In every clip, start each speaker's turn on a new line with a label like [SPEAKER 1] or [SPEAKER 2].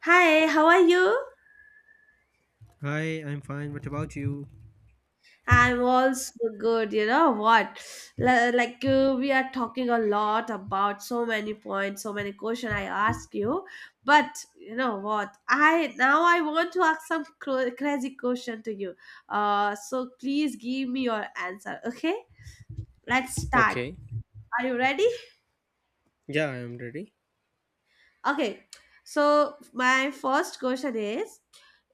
[SPEAKER 1] Hi, how are you?
[SPEAKER 2] Hi, I'm fine. What about you?
[SPEAKER 1] I'm also good. You know what? Like we are talking a lot about so many points, so many questions I ask you. But you know what? I want to ask some crazy question to you. So please give me your answer. Okay, let's start.
[SPEAKER 2] Okay.
[SPEAKER 1] Are you ready?
[SPEAKER 2] Yeah, I am ready.
[SPEAKER 1] Okay, so my first question is,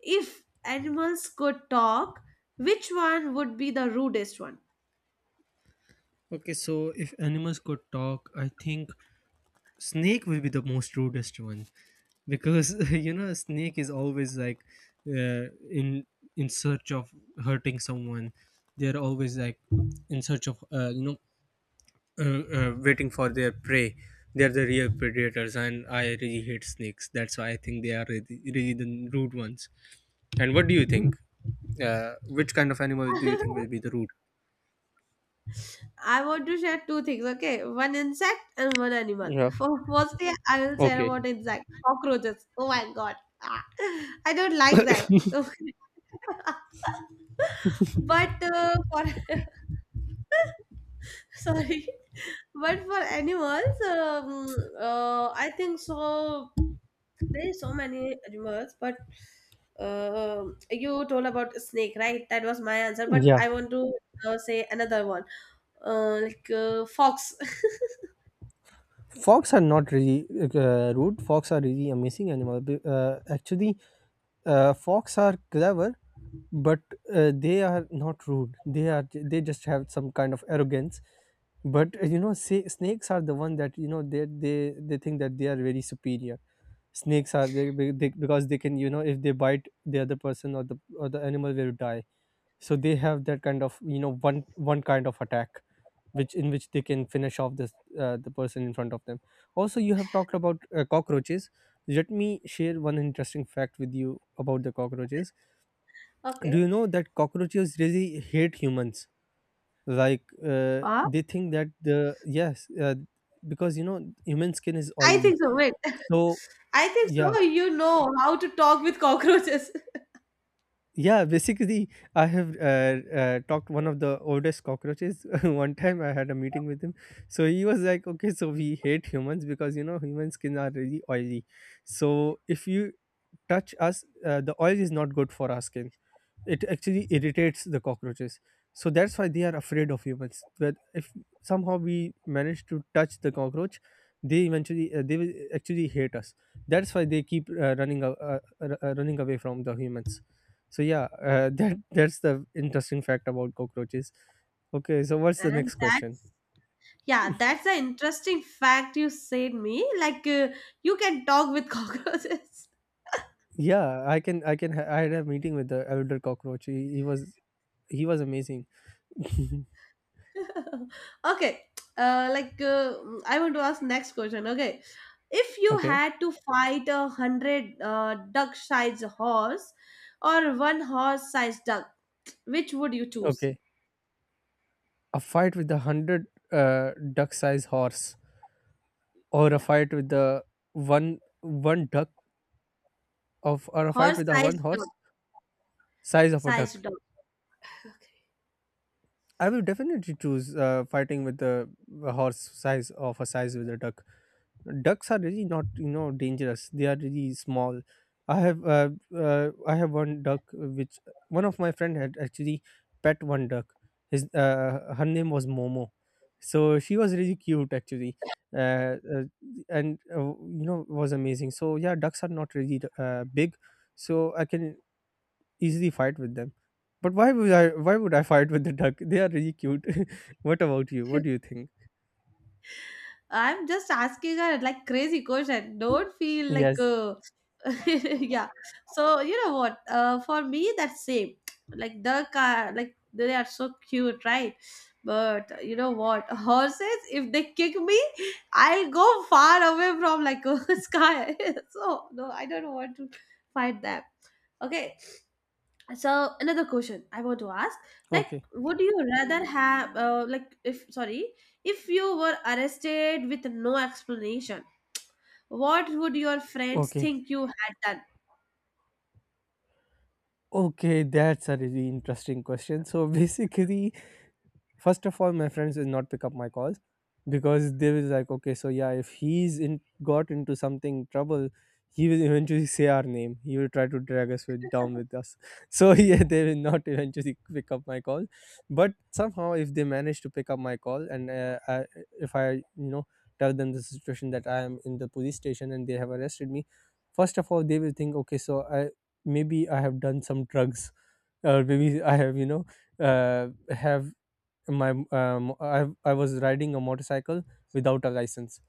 [SPEAKER 1] if animals could talk, which one would be the rudest one?
[SPEAKER 2] Okay, so if animals could talk, I think snake will be the most rudest one because you know a snake is always like uh, in in search of hurting someone. They're always like in search of you know waiting for their prey. They're the real predators, and I really hate snakes. That's why I think they are really, really the rude ones. And what do you think? Which kind of animal do you think will be the rude?
[SPEAKER 1] I want to share two things, okay? One insect and one animal.
[SPEAKER 2] Yeah.
[SPEAKER 1] For firstly, I will share
[SPEAKER 2] Okay.
[SPEAKER 1] about insect cockroaches. Oh my god. Ah, I don't like them. Okay. But for sorry, but for animals, I think so there is so many animals, but uh, you told about snake, right? That was my answer, but
[SPEAKER 2] Yeah,
[SPEAKER 1] I want to say another one, like fox.
[SPEAKER 2] fox are not really rude. Fox are really amazing animal. Actually, fox are clever, but they are not rude. They are they just have some kind of arrogance. But you know, say, snakes are the one that you know they think that they are very superior. Snakes are they because they can you know if they bite the other person or the animal will die, so they have that kind of you know one kind of attack which in which they can finish off this the person in front of them. Also you have talked about cockroaches. Let me share one interesting fact with you about the cockroaches. Do
[SPEAKER 1] Okay.
[SPEAKER 2] you know that cockroaches really hate humans? Like
[SPEAKER 1] Huh?
[SPEAKER 2] they think that the yes because you know human skin is
[SPEAKER 1] I think
[SPEAKER 2] oily,
[SPEAKER 1] so, wait.
[SPEAKER 2] so
[SPEAKER 1] I think
[SPEAKER 2] yeah,
[SPEAKER 1] so you know how to talk with cockroaches.
[SPEAKER 2] yeah, basically I have talked one of the oldest cockroaches. One time I had a meeting with him. So he was like, okay, so we hate humans because you know human skin are really oily. So if you touch us, the oil is not good for our skin. It actually irritates the cockroaches. So that's why they are afraid of humans, but if somehow we manage to touch the cockroach, they eventually they will actually hate us. That's why they keep running away from the humans. So yeah, that's the interesting fact about cockroaches. Okay, so what's the
[SPEAKER 1] And
[SPEAKER 2] next question?
[SPEAKER 1] that's, yeah, that's an interesting fact you said me. Like you can talk with cockroaches.
[SPEAKER 2] Yeah, I can, I can. I had a meeting with the elder cockroach. He he was amazing.
[SPEAKER 1] Okay. Like I want to ask next question. Okay, if you
[SPEAKER 2] Okay,
[SPEAKER 1] had to fight a hundred duck-sized horse or one horse-sized duck, which would you choose?
[SPEAKER 2] okay. A fight with 100 duck-sized horse, or a
[SPEAKER 1] Yeah,
[SPEAKER 2] fight with the one duck of, or a fight with the one
[SPEAKER 1] horse-sized duck,
[SPEAKER 2] horse size of a
[SPEAKER 1] sized
[SPEAKER 2] duck.
[SPEAKER 1] duck. Okay.
[SPEAKER 2] I will definitely choose fighting with the horse size of a size with a duck. Ducks are really not you know dangerous, they are really small. I have I have one duck which one of my friend had actually pet one duck. His her name was Momo. So she was really cute actually, uh, uh, and you know was amazing. So yeah, ducks are not really big, so I can easily fight with them. But why would I fight with the duck? They are really cute. What about you? What do you think?
[SPEAKER 1] I'm just asking a like crazy question. Don't feel like
[SPEAKER 2] Yes.
[SPEAKER 1] uh, yeah. So you know what, for me that's same, like the car, like they are so cute, right? But you know what, horses, if they kick me, I'll go far away from, like, a sky. So no, I don't want to fight them. Okay, so another question I want to ask, like,
[SPEAKER 2] Okay,
[SPEAKER 1] would you rather have if sorry, if you were arrested with no explanation, what would your friends
[SPEAKER 2] okay.
[SPEAKER 1] think you had done?
[SPEAKER 2] Okay, that's a really interesting question. So basically, first of all my friends will not pick up my calls because they will like, okay, so yeah, if he's in got into something trouble, he will eventually say our name, he will try to drag us with, down with us. So yeah, they will not eventually pick up my call. But somehow if they manage to pick up my call and if I you know tell them the situation that I am in the police station and they have arrested me, first of all they will think, okay, so I maybe I have done some drugs, or maybe I have you know uh, have I was riding a motorcycle without a license.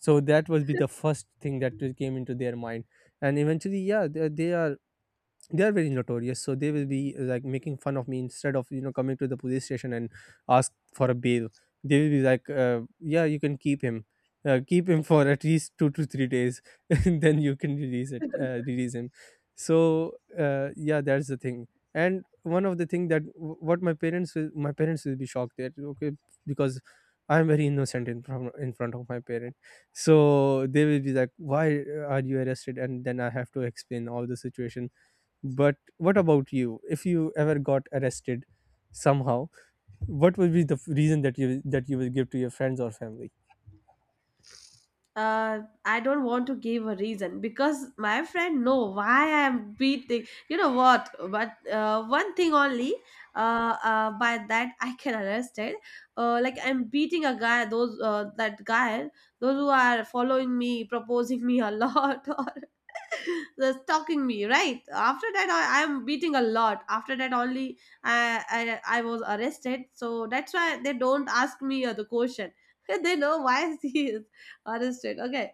[SPEAKER 2] So that was be the first thing that will came into their mind. And eventually yeah, they are very notorious, so they will be like making fun of me instead of you know coming to the police station and ask for a bail. They will be like yeah, you can keep him, keep him for at least 2 to 3 days. And then you can release it, release him. So yeah, that's the thing. And one of the thing that w- what my parents will be shocked that, okay, because I am very innocent in front of my parent. So they will be like, why are you arrested? And then I have to explain all the situation. But what about you? If you ever got arrested somehow, what will be the reason that you will give to your friends or family?
[SPEAKER 1] uh, I don't want to give a reason because my friend know why I am beating. You know what? But one thing only. By that I can arrested. Like I'm beating a guy. Those That guy. Those who are following me, proposing me a lot, or they're stalking me. Right after that, I am beating a lot. After that only, I I was arrested. So that's why they don't ask me the question. They know why is he arrested. Okay.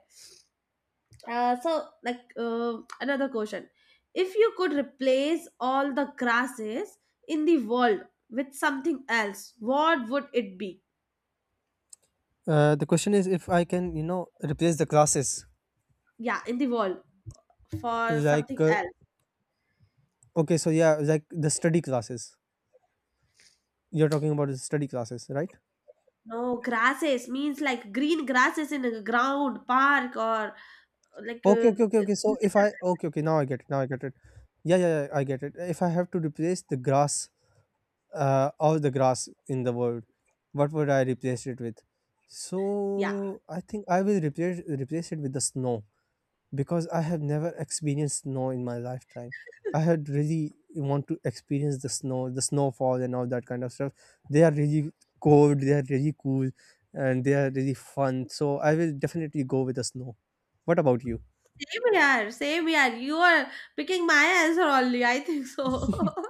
[SPEAKER 1] So, another question. If you could replace all the grasses in the world with something else, what would it be?
[SPEAKER 2] The question is if I can, you know, replace the classes.
[SPEAKER 1] Yeah, in the world for
[SPEAKER 2] Like,
[SPEAKER 1] something else.
[SPEAKER 2] okay, so yeah, like the study classes. You're talking about the study classes, right?
[SPEAKER 1] No, grasses means like green grasses in a ground, park, or like,
[SPEAKER 2] Okay,
[SPEAKER 1] uh,
[SPEAKER 2] okay, okay, okay. So if I, okay, okay, now I get it. Now I get it. Yeah, yeah, yeah, I get it. If I have to replace the grass in the world. What would I replace it with?
[SPEAKER 1] yeah.
[SPEAKER 2] So I think I will replace it with the snow because I have never experienced snow in my lifetime. I had really want to experience the snow, the snowfall, and all that kind of stuff. They are really cold. They are really cool, and they are really fun. So I will definitely go with the snow. What about you?
[SPEAKER 1] Same here, same here. You are picking my answer only, I think so.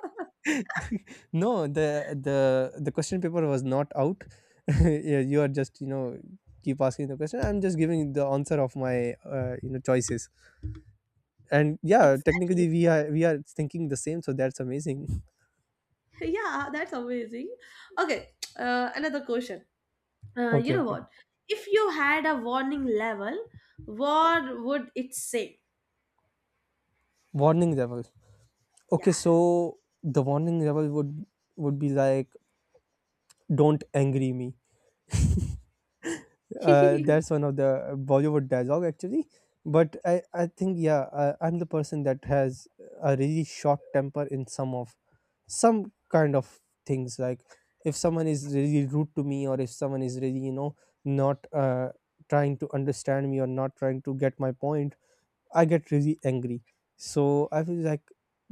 [SPEAKER 2] No, the the the question paper was not out. Yeah, you are just you know keep asking the question, I'm just giving the answer of my you know choices. And yeah,
[SPEAKER 1] Exactly.
[SPEAKER 2] technically we are thinking the same, so that's amazing.
[SPEAKER 1] Yeah, that's amazing. Okay, another question. You
[SPEAKER 2] Okay,
[SPEAKER 1] know
[SPEAKER 2] okay.
[SPEAKER 1] what? If you had a warning level, what would it say?
[SPEAKER 2] Warning level.
[SPEAKER 1] Yeah.
[SPEAKER 2] Okay, so the warning level would be like, don't angry me. That's one of the Bollywood dialogue actually. But I think yeah, I, I'm the person that has a really short temper in some kind of things. Like if someone is really rude to me, or if someone is really you know not trying to understand me or not trying to get my point, I get really angry. So I was like,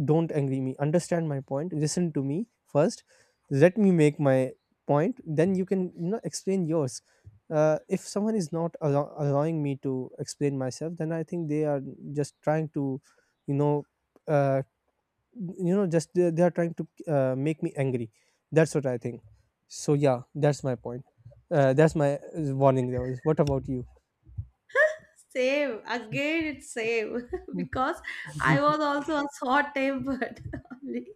[SPEAKER 2] don't angry me. Understand my point. Listen to me first. Let me make my point. Then you can you know explain yours. If someone is not allowing me to explain myself, then I think they are just trying to, you know, uh, you know, just they are trying to make me angry. That's what I think. So yeah, that's my point. That's my warning. That was. What about you?
[SPEAKER 1] Same. Again, it's same because I was also a short tempered only.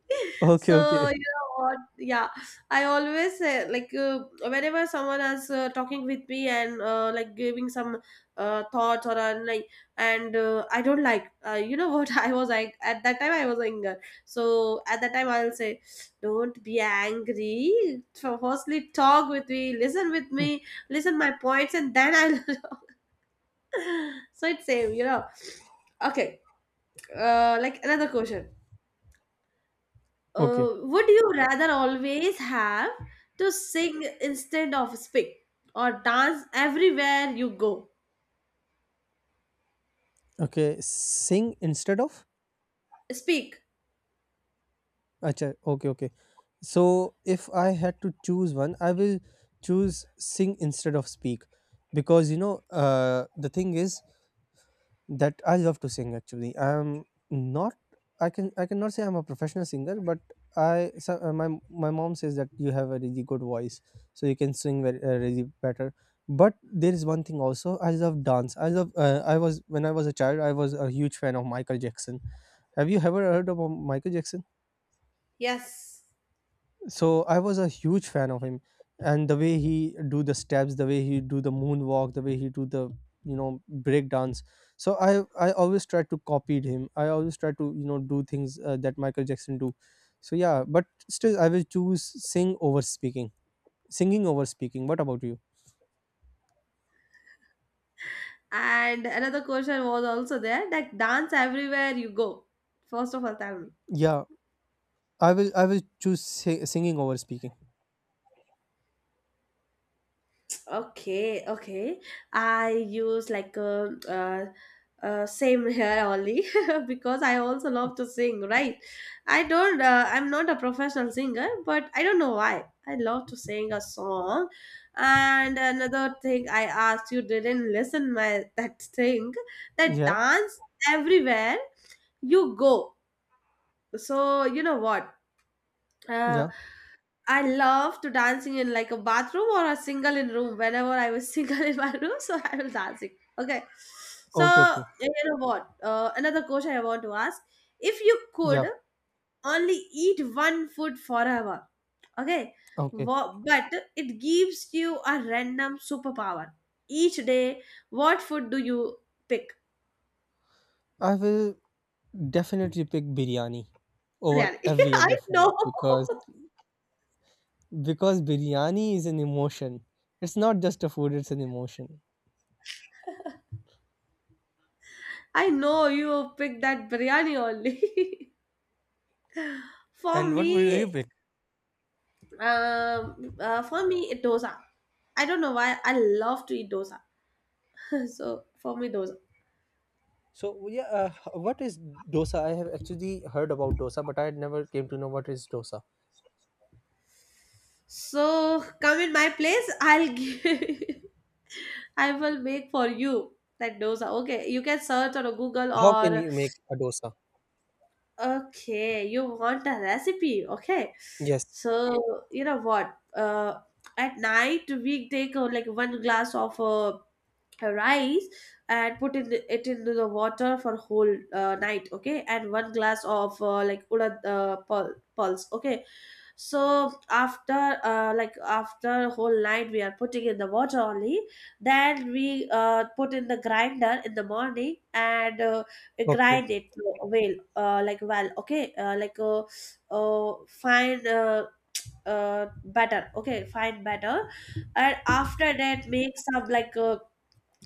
[SPEAKER 2] Okay,
[SPEAKER 1] So,
[SPEAKER 2] okay,
[SPEAKER 1] you know what? Yeah, I always say, like, whenever someone is talking with me and, like, giving some thoughts or like, and I don't like, you know what? I was like, at that time, I was anger. So, at that time, I'll say, don't be angry. So firstly, talk with me, listen my points, and then I'll so it's same you know. Okay, like another question. uh
[SPEAKER 2] okay.
[SPEAKER 1] would you rather always have to sing instead of speak, or dance everywhere you go?
[SPEAKER 2] Okay, sing instead of?
[SPEAKER 1] Speak,
[SPEAKER 2] Acha, okay, okay. So if I had to choose one, I will choose sing instead of speak because you know the thing is that I love to sing actually. I'm not, I cannot say I'm a professional singer, but I so, my my mom says that you have a really good voice, so you can sing very really better. But there is one thing also. I love dance. I love. I was, when I was a child, I was a huge fan of Michael Jackson. Have you ever heard of Michael Jackson?
[SPEAKER 1] yes.
[SPEAKER 2] So I was a huge fan of him, and the way he do the steps, the way he do the moonwalk, the way he do the you know break dance. So I always tried to copy him, I always try to you know do things that Michael Jackson do. So yeah, but still I will choose sing over speaking, singing over speaking. What about you?
[SPEAKER 1] And another question was also there, like, dance everywhere you go, first of all tell me.
[SPEAKER 2] Yeah, I will choose singing over speaking.
[SPEAKER 1] Okay, okay. I use like a, same here only because I also love to sing, right? I don't, I'm not a professional singer, but I don't know why. I love to sing a song. And another thing I asked you didn't listen my that thing, that
[SPEAKER 2] Yeah,
[SPEAKER 1] dance everywhere you go. So you know what? Uh,
[SPEAKER 2] yeah,
[SPEAKER 1] I love to dancing in like a bathroom or a single in room. Whenever I was single in my room, so I was dancing. Okay.
[SPEAKER 2] okay,
[SPEAKER 1] So
[SPEAKER 2] okay,
[SPEAKER 1] you know what? Another question I want to ask: If you could
[SPEAKER 2] yeah,
[SPEAKER 1] only eat one food forever, okay,
[SPEAKER 2] okay.
[SPEAKER 1] but it gives you a random superpower each day, what food do you pick?
[SPEAKER 2] I will definitely pick biryani over
[SPEAKER 1] Biryani.
[SPEAKER 2] every
[SPEAKER 1] I
[SPEAKER 2] other food
[SPEAKER 1] know.
[SPEAKER 2] because Because biryani is an emotion. It's not just a food, it's an emotion.
[SPEAKER 1] I know you pick that biryani only. For
[SPEAKER 2] And what would you
[SPEAKER 1] me,
[SPEAKER 2] pick?
[SPEAKER 1] For me, it dosa. I don't know why I love to eat dosa. So for me, dosa.
[SPEAKER 2] So yeah, what is dosa? I have actually heard about dosa, but I had never came to know what is dosa.
[SPEAKER 1] So come in my place. I'll give. I will make for you that dosa. Okay, you can search on Google
[SPEAKER 2] How can
[SPEAKER 1] or
[SPEAKER 2] you make a dosa?
[SPEAKER 1] okay, you want a recipe. Okay,
[SPEAKER 2] Yes.
[SPEAKER 1] so you know what? At night we take like one glass of rice and put in the, it into the water for whole night, okay, and one glass of, like urad pulse, okay. So after, like, after whole night we are putting in the water only, then we put in the grinder in the morning and
[SPEAKER 2] Okay.
[SPEAKER 1] grind it to well, like, well, okay, like fine, batter, okay, fine batter. And after that, make some like, uh,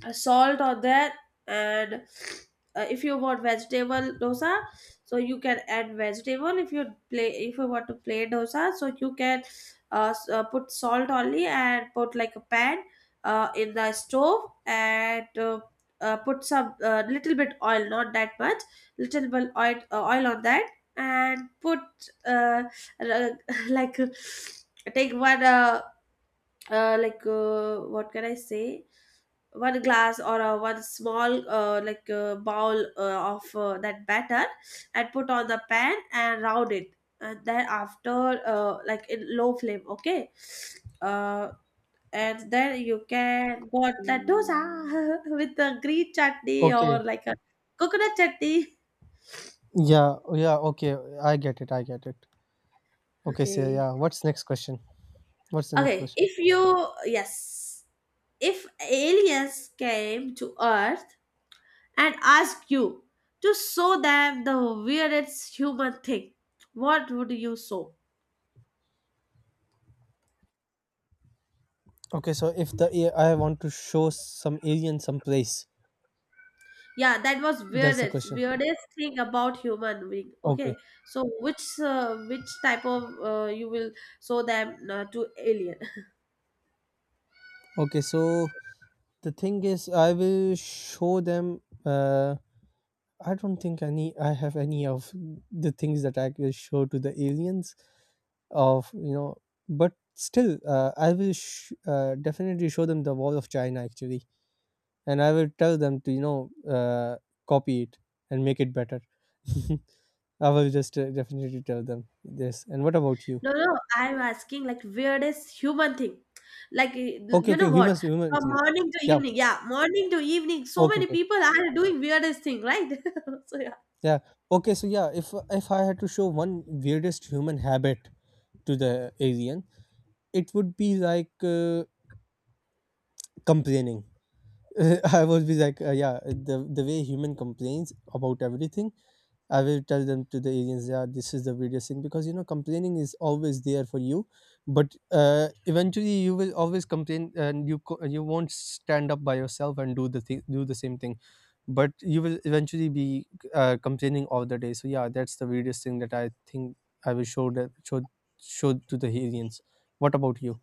[SPEAKER 1] uh, salt on there. And if you want vegetable dosa, so you can add vegetable. If you play, if you want to play dosa, so you can put salt only and put like a pan in the stove, and put some little bit oil, not that much, little bit oil, oil on that, and put uh, like, take one, what can I say? One glass or one small, like bowl of that batter, and put on the pan and round it. And then after, like, in low flame, okay. Uh, and then you can got that dosa with the green chutney or
[SPEAKER 2] Okay.
[SPEAKER 1] like a coconut chutney.
[SPEAKER 2] Yeah, yeah, okay. I get it. I get it. Okay, so
[SPEAKER 1] Okay.
[SPEAKER 2] yeah, what's next question? What's the next
[SPEAKER 1] Okay.
[SPEAKER 2] question?
[SPEAKER 1] If you yes, if aliens came to Earth and ask you to show them the weirdest human thing, what would you show?
[SPEAKER 2] Okay, so if I want to show some alien some place,
[SPEAKER 1] Yeah, that was
[SPEAKER 2] that's the
[SPEAKER 1] weirdest
[SPEAKER 2] question.
[SPEAKER 1] weirdest thing about human being. Okay,
[SPEAKER 2] Okay.
[SPEAKER 1] so which, which type of, you will show them, to alien?
[SPEAKER 2] Okay, so the thing is, I will show them. I don't think any. I have any of the things that I will show to the aliens. Of you know, but still, I will definitely show them the wall of China actually, and I will tell them to you know copy it and make it better. I will just definitely tell them this. And what about you?
[SPEAKER 1] No, no, I'm asking like weirdest human thing. Like, eh,
[SPEAKER 2] Okay,
[SPEAKER 1] you know
[SPEAKER 2] okay,
[SPEAKER 1] what?
[SPEAKER 2] humans, human
[SPEAKER 1] From
[SPEAKER 2] thing.
[SPEAKER 1] morning to
[SPEAKER 2] Yeah.
[SPEAKER 1] evening, yeah, morning to evening, so
[SPEAKER 2] Okay,
[SPEAKER 1] many
[SPEAKER 2] okay.
[SPEAKER 1] people are doing weirdest thing, right? So, yeah.
[SPEAKER 2] Yeah. Okay. So yeah, if I had to show one weirdest human habit to the alien, it would be like complaining. I would be like, yeah, the way human complains about everything. I will tell them to the agents, yeah, this is the video thing because complaining is always there for you, but eventually you will always complain and you won't stand up by yourself and do the same thing, but you will eventually be complaining all the day. So yeah, that's the weirdest thing that I think I will show that show show to the aliens. What about you?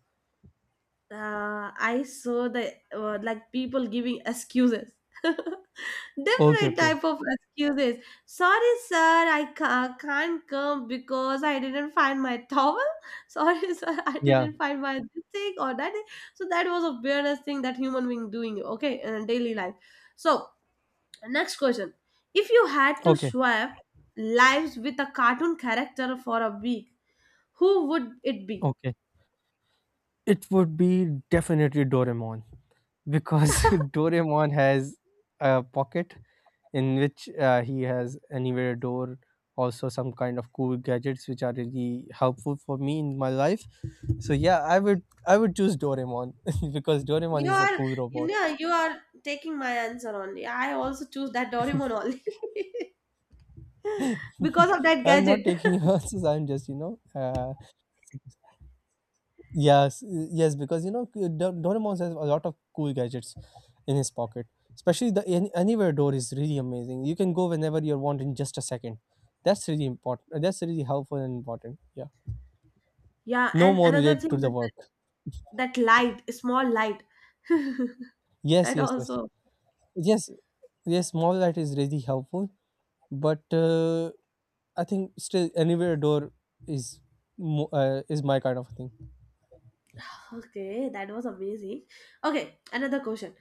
[SPEAKER 1] I saw the, like, people giving excuses,
[SPEAKER 2] Okay,
[SPEAKER 1] different
[SPEAKER 2] okay,
[SPEAKER 1] type of excuses. Sorry, sir, I can't come because I didn't find my towel. Sorry, sir, I
[SPEAKER 2] yeah,
[SPEAKER 1] didn't find my this thing or that thing. So that was a weirdest thing that human being doing. Okay, in daily life. So next question: If you had to
[SPEAKER 2] okay,
[SPEAKER 1] swap lives with a cartoon character for a week, who would it be?
[SPEAKER 2] okay. It would be definitely Doraemon because Doraemon has a pocket in which he has anywhere door, also some kind of cool gadgets which are really helpful for me in my life. So yeah, I would choose Doraemon because Doraemon
[SPEAKER 1] You
[SPEAKER 2] is a
[SPEAKER 1] are,
[SPEAKER 2] cool
[SPEAKER 1] you
[SPEAKER 2] robot.
[SPEAKER 1] know, you are taking my answer only. I also choose that Doraemon only because of that
[SPEAKER 2] I'm
[SPEAKER 1] gadget.
[SPEAKER 2] not taking answers. I'm just yes, yes, because you know Doraemon has a lot of cool gadgets in his pocket, especially the anywhere door is really amazing. You can go whenever you want in just a second. That's really important, that's really helpful and important, yeah.
[SPEAKER 1] Yeah,
[SPEAKER 2] No
[SPEAKER 1] and
[SPEAKER 2] more
[SPEAKER 1] another
[SPEAKER 2] relate
[SPEAKER 1] thing,
[SPEAKER 2] to the
[SPEAKER 1] is
[SPEAKER 2] work.
[SPEAKER 1] that light, small light.
[SPEAKER 2] Yes,
[SPEAKER 1] That
[SPEAKER 2] yes, yes.
[SPEAKER 1] also.
[SPEAKER 2] Yes, yes, small light is really helpful, but I think still anywhere door is is my kind of thing.
[SPEAKER 1] Okay, that was amazing. Okay, another question.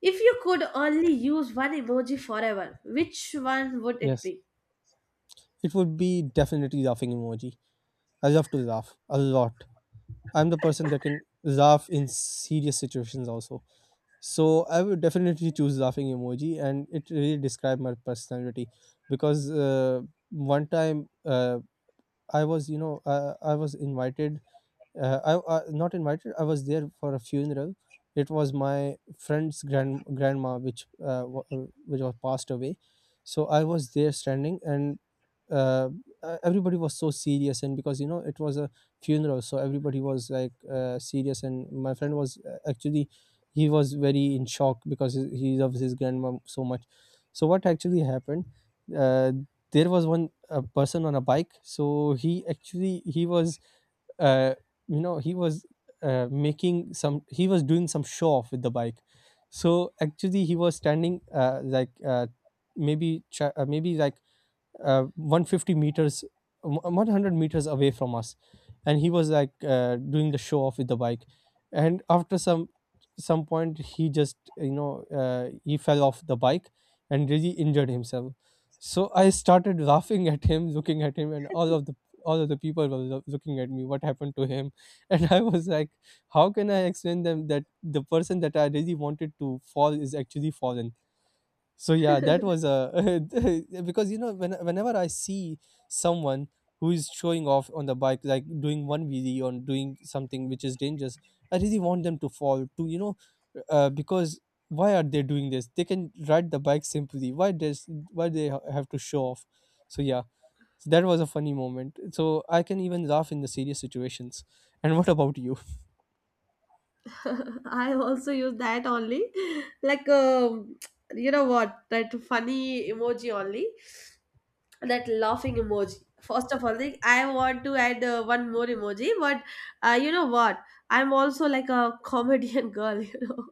[SPEAKER 1] If you could only use one emoji forever, which one would it
[SPEAKER 2] Yes.
[SPEAKER 1] be?
[SPEAKER 2] It would be definitely laughing emoji. I love to laugh a lot. I'm the person that can laugh in serious situations also. So I would definitely choose laughing emoji, and it really describes my personality. Because one time, I was, I was invited. I, not invited. I was there for a funeral. It was my friend's grandma, which which was passed away. So I was there standing, and uh, everybody was so serious. And because you know it was a funeral, so everybody was like serious. And my friend was actually, he was very in shock because he loves his grandma so much. So what actually happened? Uh, there was one person on a bike. So he was uh, you know, he was making some he was doing some show off with the bike. So actually he was standing, maybe 150 meters, 100 meters away from us, and he was like doing the show off with the bike. And after some point he just he fell off the bike and really injured himself. So I started laughing at him, looking at him, and all of the people were looking at me, what happened to him? And I was like, how can I explain them that the person that I really wanted to fall is actually fallen? So yeah, that was a because you know whenever I see someone who is showing off on the bike, like doing one wheelie or doing something which is dangerous, I really want them to fall to, you know, because why are they doing this? They can ride the bike simply. Why they have to show off? So yeah, so that was a funny moment, so I can even laugh in the serious situations. And what about you?
[SPEAKER 1] I also use that only. Like, you know what? That funny emoji only. That laughing emoji. First of all, like, I want to add one more emoji, but you know what? I'm also like a comedian girl, you know.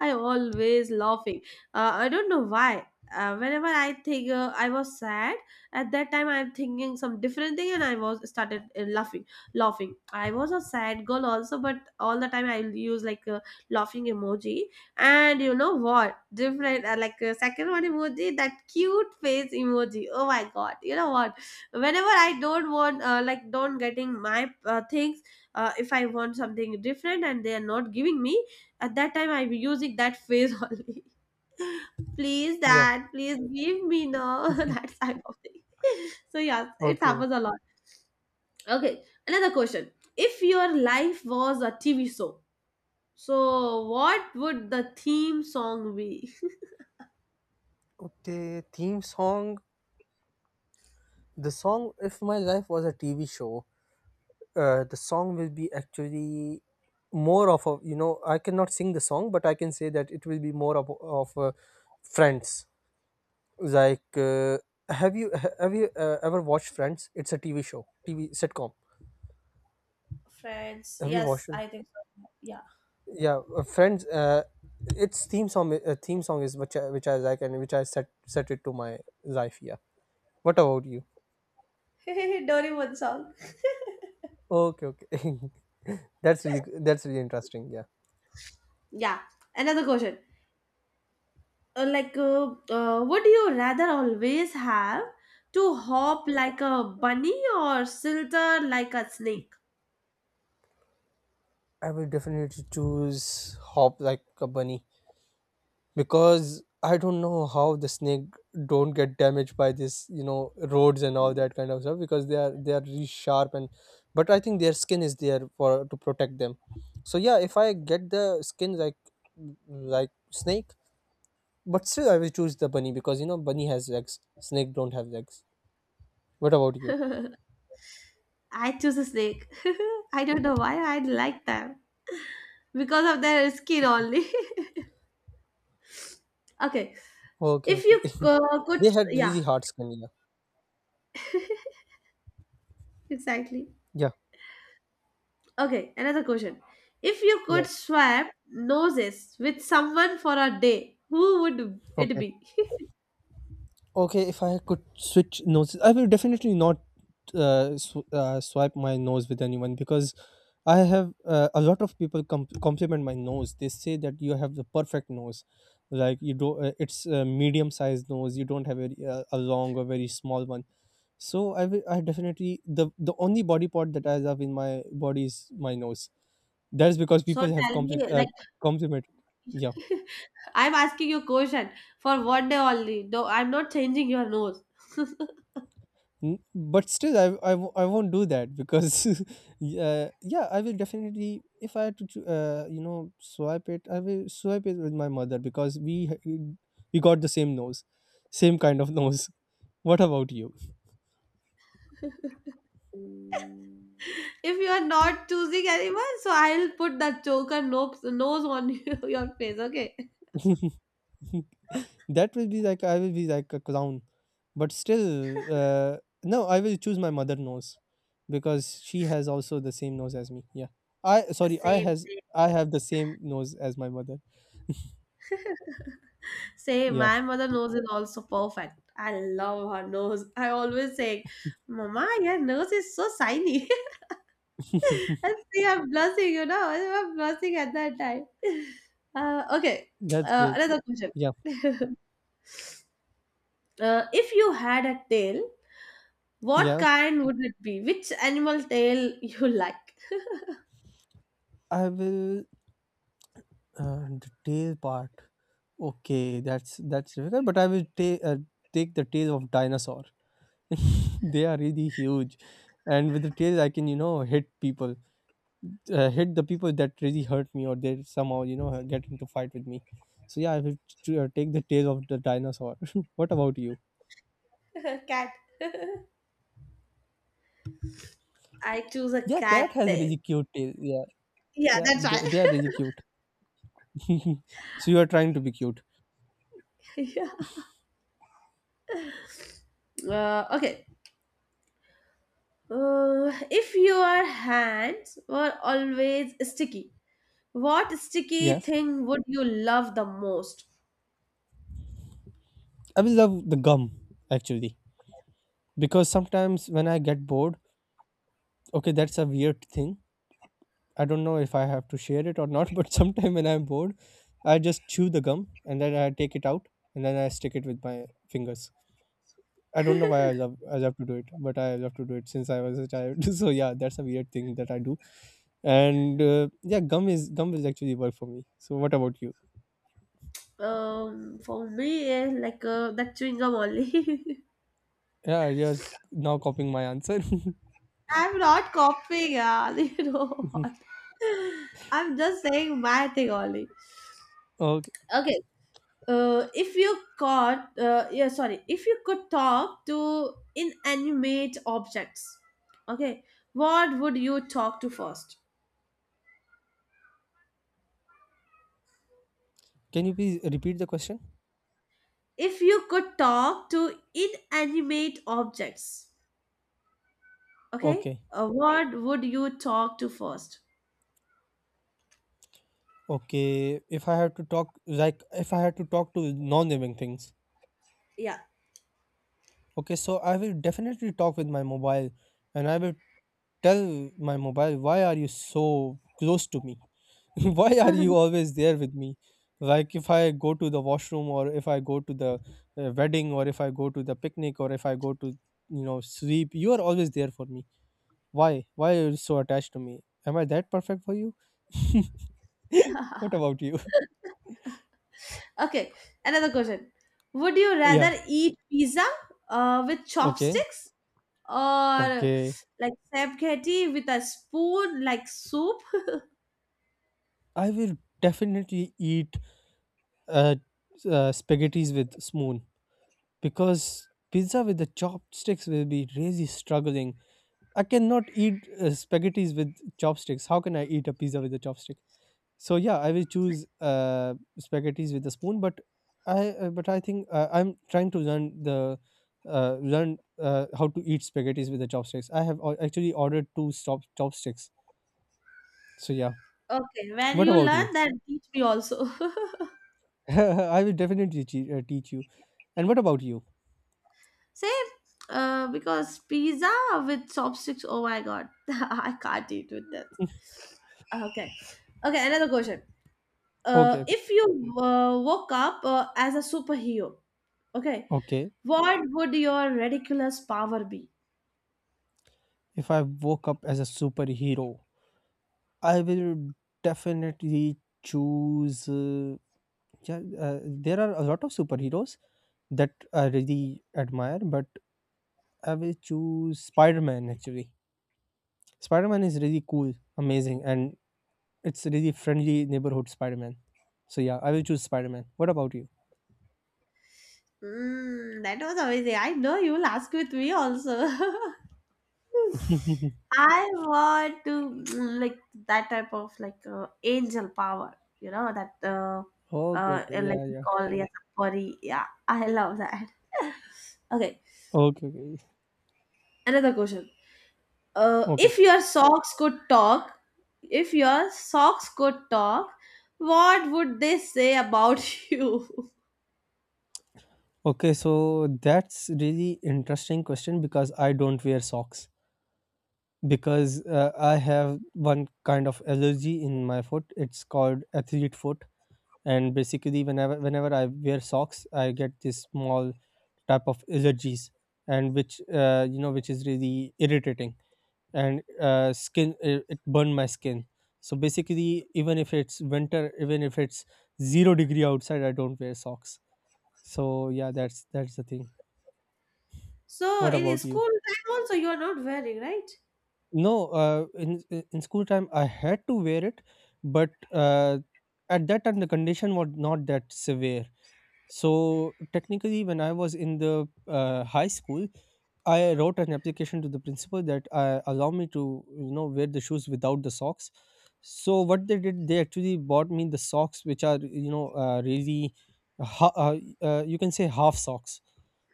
[SPEAKER 1] I'm always laughing. I don't know why. Whenever I think I was sad, at that time I'm thinking some different thing, and I was started laughing, laughing. I was a sad girl also, but all the time I use like a laughing emoji. And you know what? Different, like second one emoji, that cute face emoji. Oh my god! You know what? Whenever I don't want, like, don't getting my things, if I want something different and they are not giving me, at that time I'm using that face only. Please,
[SPEAKER 2] Yeah.
[SPEAKER 1] dad, please give me no that type of thing. So yes, it
[SPEAKER 2] Okay.
[SPEAKER 1] happens a lot. Okay, another question. If your life was a TV show, so, what would the theme song be?
[SPEAKER 2] Okay. Theme song. The song, if my life was a TV show, the song will be actually more of a, you know, I cannot sing the song, but I can say that it will be more of Friends. Like, have you have you ever watched Friends? It's a TV show, TV sitcom.
[SPEAKER 1] Friends,
[SPEAKER 2] Have you
[SPEAKER 1] yes,
[SPEAKER 2] watched it?
[SPEAKER 1] I think so. Yeah.
[SPEAKER 2] Yeah, Friends. Its theme song is which which I like and which I set it to my life. Yeah. What about you?
[SPEAKER 1] Doraemon song.
[SPEAKER 2] Okay, okay. That's really, that's really interesting. Yeah,
[SPEAKER 1] Yeah, another question. Like, would you rather always have to hop like a bunny or slither like a snake?
[SPEAKER 2] I will definitely choose hop like a bunny because I don't know how the snake don't get damaged by this, you know, roads and all that kind of stuff because they are really sharp. And but I think their skin is there for to protect them. So yeah, if I get the skin like snake, but still I will choose the bunny because you know bunny has legs, snake don't have legs. What about you?
[SPEAKER 1] I choose a snake. I don't know why I like them because of their skin only. Okay,
[SPEAKER 2] Okay,
[SPEAKER 1] if
[SPEAKER 2] okay.
[SPEAKER 1] you could,
[SPEAKER 2] They had
[SPEAKER 1] yeah,
[SPEAKER 2] really hard skin. Yeah.
[SPEAKER 1] exactly.
[SPEAKER 2] Yeah,
[SPEAKER 1] Okay, another question. If you could
[SPEAKER 2] yeah.
[SPEAKER 1] swap noses with someone for a day, who would it
[SPEAKER 2] Okay,
[SPEAKER 1] be?
[SPEAKER 2] okay. If I could switch noses, I will definitely not swipe my nose with anyone because I have a lot of people compliment my nose. They say that you have the perfect nose, like you do. It's a medium-sized nose. You don't have a long or very small one. So I will. I definitely, the only body part that I have in my body is my nose. That is because
[SPEAKER 1] So
[SPEAKER 2] people have
[SPEAKER 1] tell me, like,
[SPEAKER 2] complimented. Yeah.
[SPEAKER 1] I'm asking you question for one day only. No, I'm not changing your nose.
[SPEAKER 2] But still I won't do that because yeah, I will definitely, if I had to you know, swipe it, I will swipe it with my mother because we got the same nose, same kind of nose. What about you?
[SPEAKER 1] If you are not choosing anyone, so I'll put the choker nose on you, your face. Okay.
[SPEAKER 2] That will be like, I will be like a clown, but still no, I will choose my mother nose because she has also the same nose as me, yeah. I sorry I
[SPEAKER 1] Same,
[SPEAKER 2] has
[SPEAKER 1] same.
[SPEAKER 2] I have the same nose as my mother.
[SPEAKER 1] Same.
[SPEAKER 2] Yeah.
[SPEAKER 1] My mother nose is also perfect. I love her nose. I always say, Mama, your nose is so shiny. I see, I'm blushing, I'm blushing at that time. Uh, okay,
[SPEAKER 2] That's great.
[SPEAKER 1] another question.
[SPEAKER 2] Yeah,
[SPEAKER 1] If you had a tail, what
[SPEAKER 2] yeah.
[SPEAKER 1] kind would it be? Which animal tail you like?
[SPEAKER 2] I will the tail part. Okay, that's difficult, but I will take the tail of dinosaur. They are really huge, and with the tail, I can you know hit people, hit the people that really hurt me, or they somehow you know get into fight with me. So yeah, I will take the tail of the dinosaur. What about you?
[SPEAKER 1] Cat. I choose a
[SPEAKER 2] Yeah,
[SPEAKER 1] cat
[SPEAKER 2] cat has
[SPEAKER 1] tail.
[SPEAKER 2] really cute tail. Yeah,
[SPEAKER 1] Yeah,
[SPEAKER 2] yeah,
[SPEAKER 1] that's right.
[SPEAKER 2] they are really cute. So you are trying to be cute.
[SPEAKER 1] Yeah. Okay. If your hands were always sticky, what sticky
[SPEAKER 2] Yes,
[SPEAKER 1] thing would you love the most?
[SPEAKER 2] I will love the gum actually. Because sometimes when I get bored, okay, that's a weird thing. I don't know if I have to share it or not. But sometimes when I'm bored, I just chew the gum and then I take it out and then I stick it with my fingers. I don't know why I love to do it, but I love to do it since I was a child. So yeah, that's a weird thing that I do. And yeah, gum is actually work for me. So what about you?
[SPEAKER 1] For me, that chewing gum only.
[SPEAKER 2] Yeah, now copying my answer.
[SPEAKER 1] I'm not copying, yeah. You know what? I'm just saying my thing only.
[SPEAKER 2] Okay.
[SPEAKER 1] Okay. Uh, if you could talk to inanimate objects, okay, what would you talk to first?
[SPEAKER 2] Can you please repeat the question?
[SPEAKER 1] If you could talk to inanimate objects, okay,
[SPEAKER 2] Okay.
[SPEAKER 1] what would you talk to first?
[SPEAKER 2] Okay, if I have to talk, like, if I had to talk to non-living things,
[SPEAKER 1] Yeah.
[SPEAKER 2] okay, so I will definitely talk with my mobile, and I will tell my mobile, why are you so close to me? Why are you always there with me? Like, if I go to the washroom, or if I go to the wedding, or if I go to the picnic, or if I go to, you know, sleep, you are always there for me. Why? Why are you so attached to me? Am I that perfect for you? What about you?
[SPEAKER 1] Okay, another question. Would you
[SPEAKER 2] Yeah,
[SPEAKER 1] rather eat pizza with
[SPEAKER 2] okay,
[SPEAKER 1] chopsticks or
[SPEAKER 2] okay.
[SPEAKER 1] like spaghetti with a spoon, like soup?
[SPEAKER 2] I will definitely eat uh, spaghettis with spoon because pizza with the chopsticks will be really struggling. I cannot eat spaghettis with chopsticks. How can I eat a pizza with a chopstick? So yeah, I will choose spaghettis with a spoon. But I think I'm trying to learn the learn how to eat spaghettis with the chopsticks. I have actually ordered two chopsticks. So yeah,
[SPEAKER 1] Okay, when
[SPEAKER 2] what
[SPEAKER 1] you
[SPEAKER 2] about
[SPEAKER 1] learn
[SPEAKER 2] you?
[SPEAKER 1] that, teach me also.
[SPEAKER 2] I will definitely teach you. And what about you?
[SPEAKER 1] Same, because pizza with chopsticks, oh my god, I can't eat with that. Okay, okay, another question.
[SPEAKER 2] Okay,
[SPEAKER 1] Uh,
[SPEAKER 2] okay,
[SPEAKER 1] if you uh, woke up as a superhero, okay,
[SPEAKER 2] okay.
[SPEAKER 1] what would your ridiculous power be?
[SPEAKER 2] If I woke up as a superhero, I will definitely choose. Yeah, there are a lot of superheroes that I really admire, but I will choose Spider Man actually. Spider Man is really cool, amazing, and it's really friendly neighborhood Spider Man. So yeah, I will choose Spider Man. What about you?
[SPEAKER 1] Mm, that was amazing. I know you'll ask with me also. I want to mm, like that type of like angel power, you know, that
[SPEAKER 2] Okay, okay,
[SPEAKER 1] like
[SPEAKER 2] yeah,
[SPEAKER 1] we
[SPEAKER 2] yeah.
[SPEAKER 1] call yes, body. Yeah, I love that. Okay,
[SPEAKER 2] Okay, okay,
[SPEAKER 1] another question.
[SPEAKER 2] okay.
[SPEAKER 1] If your socks could talk, if your socks could talk, what would they say about you?
[SPEAKER 2] Okay, so that's really interesting question because I don't wear socks because I have one kind of allergy in my foot. It's called athlete foot, and basically, whenever I wear socks, I get this small type of allergies, and which you know, which is really irritating, and skin, it burned my skin. So basically, even if it's winter, even if it's zero degree outside, I don't wear socks. So yeah, that's the thing.
[SPEAKER 1] So
[SPEAKER 2] What
[SPEAKER 1] in your
[SPEAKER 2] about you?
[SPEAKER 1] school time also you are not wearing, right?
[SPEAKER 2] No, in school time I had to wear it, but at that time the condition was not that severe. So technically, when I was in the high school, I wrote an application to the principal that allow me to wear the shoes without the socks. So what they did, they actually bought me the socks, which are really, ha- uh, you can say half socks.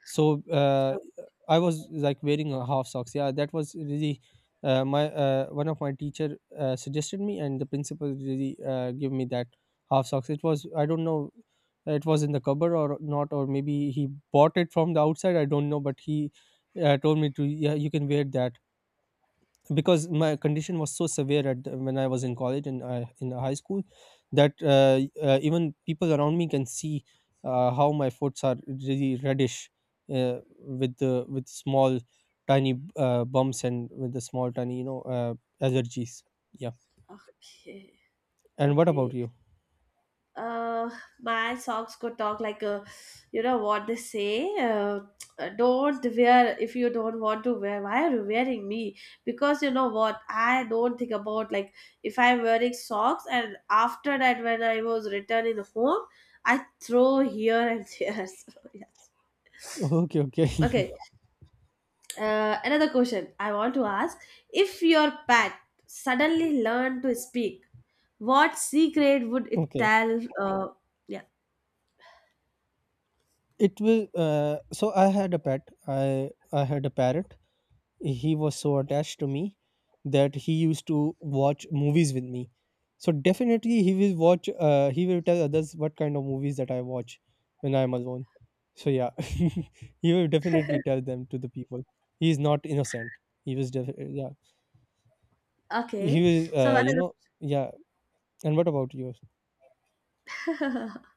[SPEAKER 2] So uh,
[SPEAKER 1] Oh,
[SPEAKER 2] I was like wearing a half socks. Yeah, that was really my one of my teacher suggested me, and the principal really gave me that half socks. It was, I don't know, it was in the cupboard or not, or maybe he bought it from the outside, I don't know, but he told me to, yeah, you can wear that because my condition was so severe at when I was in college and in the high school that even people around me can see how my foots are really reddish, uh, with the with small tiny bumps and with the small tiny allergies, yeah.
[SPEAKER 1] okay.
[SPEAKER 2] And what about
[SPEAKER 1] Okay.
[SPEAKER 2] you?
[SPEAKER 1] Uh, my songs could talk like you know what they say. Don't wear if you don't want to wear. Why are you wearing me? Because you know what? I don't think about like if I'm wearing socks and after that when I was returning home, I throw here and there. So yes.
[SPEAKER 2] Okay, okay.
[SPEAKER 1] Okay. Another question I want to ask: if your pet suddenly learned to speak, what secret would it
[SPEAKER 2] Okay.
[SPEAKER 1] tell? Yeah.
[SPEAKER 2] It will. So I had a pet. I had a parrot. He was so attached to me that he used to watch movies with me. So definitely he will watch. He will tell others what kind of movies that I watch when I am alone. So yeah, he will definitely tell them to the people. He is not innocent. He was yeah. He
[SPEAKER 1] Okay,
[SPEAKER 2] was
[SPEAKER 1] so what is
[SPEAKER 2] yeah. And what about you?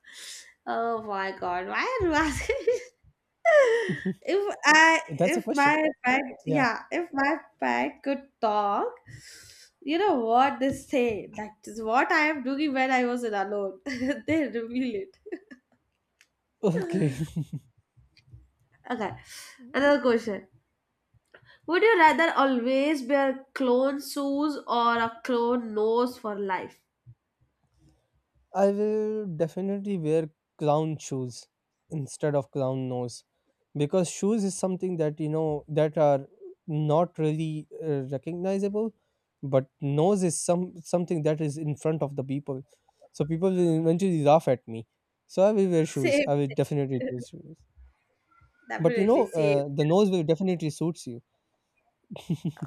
[SPEAKER 1] oh my God, why are you asking?
[SPEAKER 2] That's a
[SPEAKER 1] If
[SPEAKER 2] question.
[SPEAKER 1] my pet,
[SPEAKER 2] Yeah.
[SPEAKER 1] yeah, if my pet could talk, you know what they say? That is what I am doing when I was alone. They reveal it.
[SPEAKER 2] Okay.
[SPEAKER 1] Okay, another question. Would you rather always wear clone shoes or a clone nose for life?
[SPEAKER 2] I will definitely wear clown shoes instead of clown nose, because shoes is something that you know that are not really recognizable, but nose is something that is in front of the people, so people will eventually laugh at me, so I will wear shoes.
[SPEAKER 1] Same,
[SPEAKER 2] I will definitely wear
[SPEAKER 1] same.
[SPEAKER 2] shoes, but you
[SPEAKER 1] Definitely
[SPEAKER 2] know
[SPEAKER 1] same.
[SPEAKER 2] the nose will definitely suits you.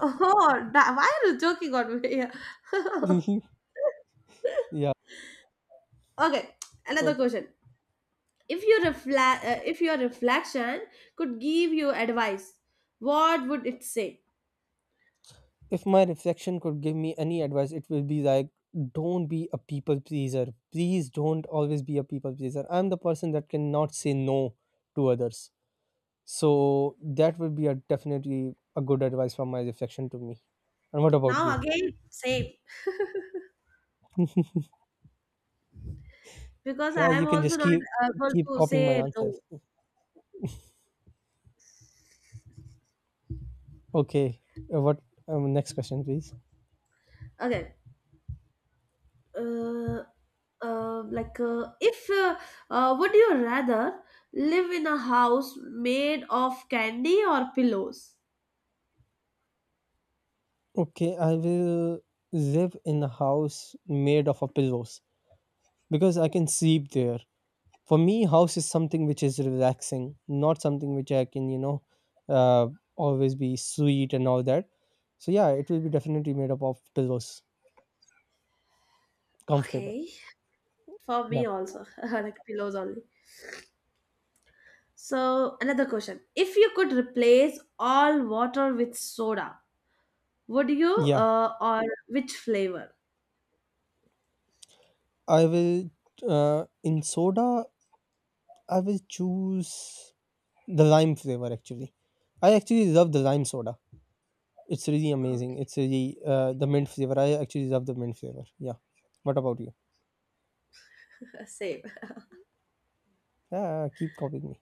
[SPEAKER 1] Oh, that, why are you joking on me?
[SPEAKER 2] Yeah,
[SPEAKER 1] Okay, another
[SPEAKER 2] okay.
[SPEAKER 1] question. If your reflection could give you advice, what would it say?
[SPEAKER 2] If my reflection could give me any advice, it will be like, don't be a people pleaser. Please don't always be a people pleaser. I'm the person that cannot say no to others. So that would be a definitely a good advice from my reflection to me. And what about
[SPEAKER 1] Now
[SPEAKER 2] you?
[SPEAKER 1] again, same because
[SPEAKER 2] Yeah,
[SPEAKER 1] I am
[SPEAKER 2] you can
[SPEAKER 1] also
[SPEAKER 2] just
[SPEAKER 1] not
[SPEAKER 2] keep
[SPEAKER 1] able
[SPEAKER 2] keep
[SPEAKER 1] to
[SPEAKER 2] copying my
[SPEAKER 1] say
[SPEAKER 2] answers.
[SPEAKER 1] no.
[SPEAKER 2] Okay, what next question, please?
[SPEAKER 1] Okay, uh, like if would you rather live in a house made of candy or pillows?
[SPEAKER 2] Okay, I will live in a house made of a pillows because I can sleep there. For me house is something which is relaxing, not something which I can, you know, uh, always be sweet and all that. So yeah, it will be definitely made up of pillows, comfortable.
[SPEAKER 1] Okay, for
[SPEAKER 2] Yeah,
[SPEAKER 1] me also like pillows only. So, another question. If you could replace all water with soda, would you
[SPEAKER 2] yeah,
[SPEAKER 1] or which flavor?
[SPEAKER 2] I will, uh, in soda I will choose the lime flavor. Actually, I actually love the lime soda. It's really amazing,
[SPEAKER 1] Okay,
[SPEAKER 2] it's really, the mint flavor, I actually love the mint flavor. Yeah, what about you?
[SPEAKER 1] same.
[SPEAKER 2] Yeah, keep copying me.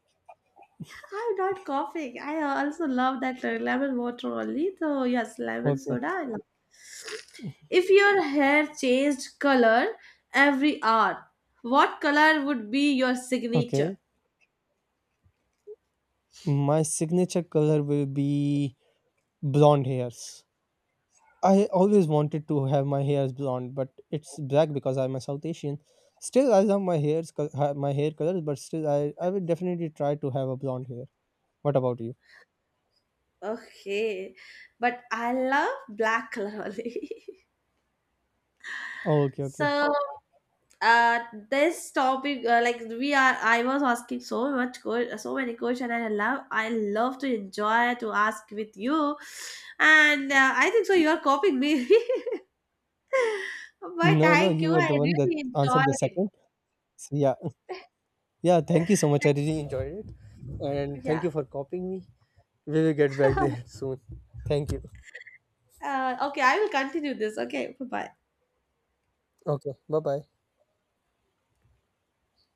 [SPEAKER 1] I'm not coughing. I also love that lemon water only. So, yes, lemon
[SPEAKER 2] Okay,
[SPEAKER 1] soda. I love. If your hair changed color every hour, what color would be your
[SPEAKER 2] okay,
[SPEAKER 1] signature?
[SPEAKER 2] my signature color will be blonde hairs. I always wanted to have my hairs blonde, but it's black because I'm a South Asian. Still, I love my hairs, my hair colors, but still, I would definitely try to have a blonde hair. What about you?
[SPEAKER 1] Okay, but I love black color only.
[SPEAKER 2] Oh, okay, okay.
[SPEAKER 1] So, uh this topic, like we are I was asking so much so many questions, and I love, to enjoy to ask with you. And I think so you are copying me. But
[SPEAKER 2] No, no,
[SPEAKER 1] thank you,
[SPEAKER 2] you were
[SPEAKER 1] I
[SPEAKER 2] the one that
[SPEAKER 1] really
[SPEAKER 2] answered the
[SPEAKER 1] enjoyed it.
[SPEAKER 2] second. So, yeah, yeah. Thank you so much. I really enjoyed it, and thank
[SPEAKER 1] Yeah.
[SPEAKER 2] you for copying me. We will get back there soon. Thank you.
[SPEAKER 1] Okay, I will continue this. Okay, bye bye.
[SPEAKER 2] Okay. Bye bye.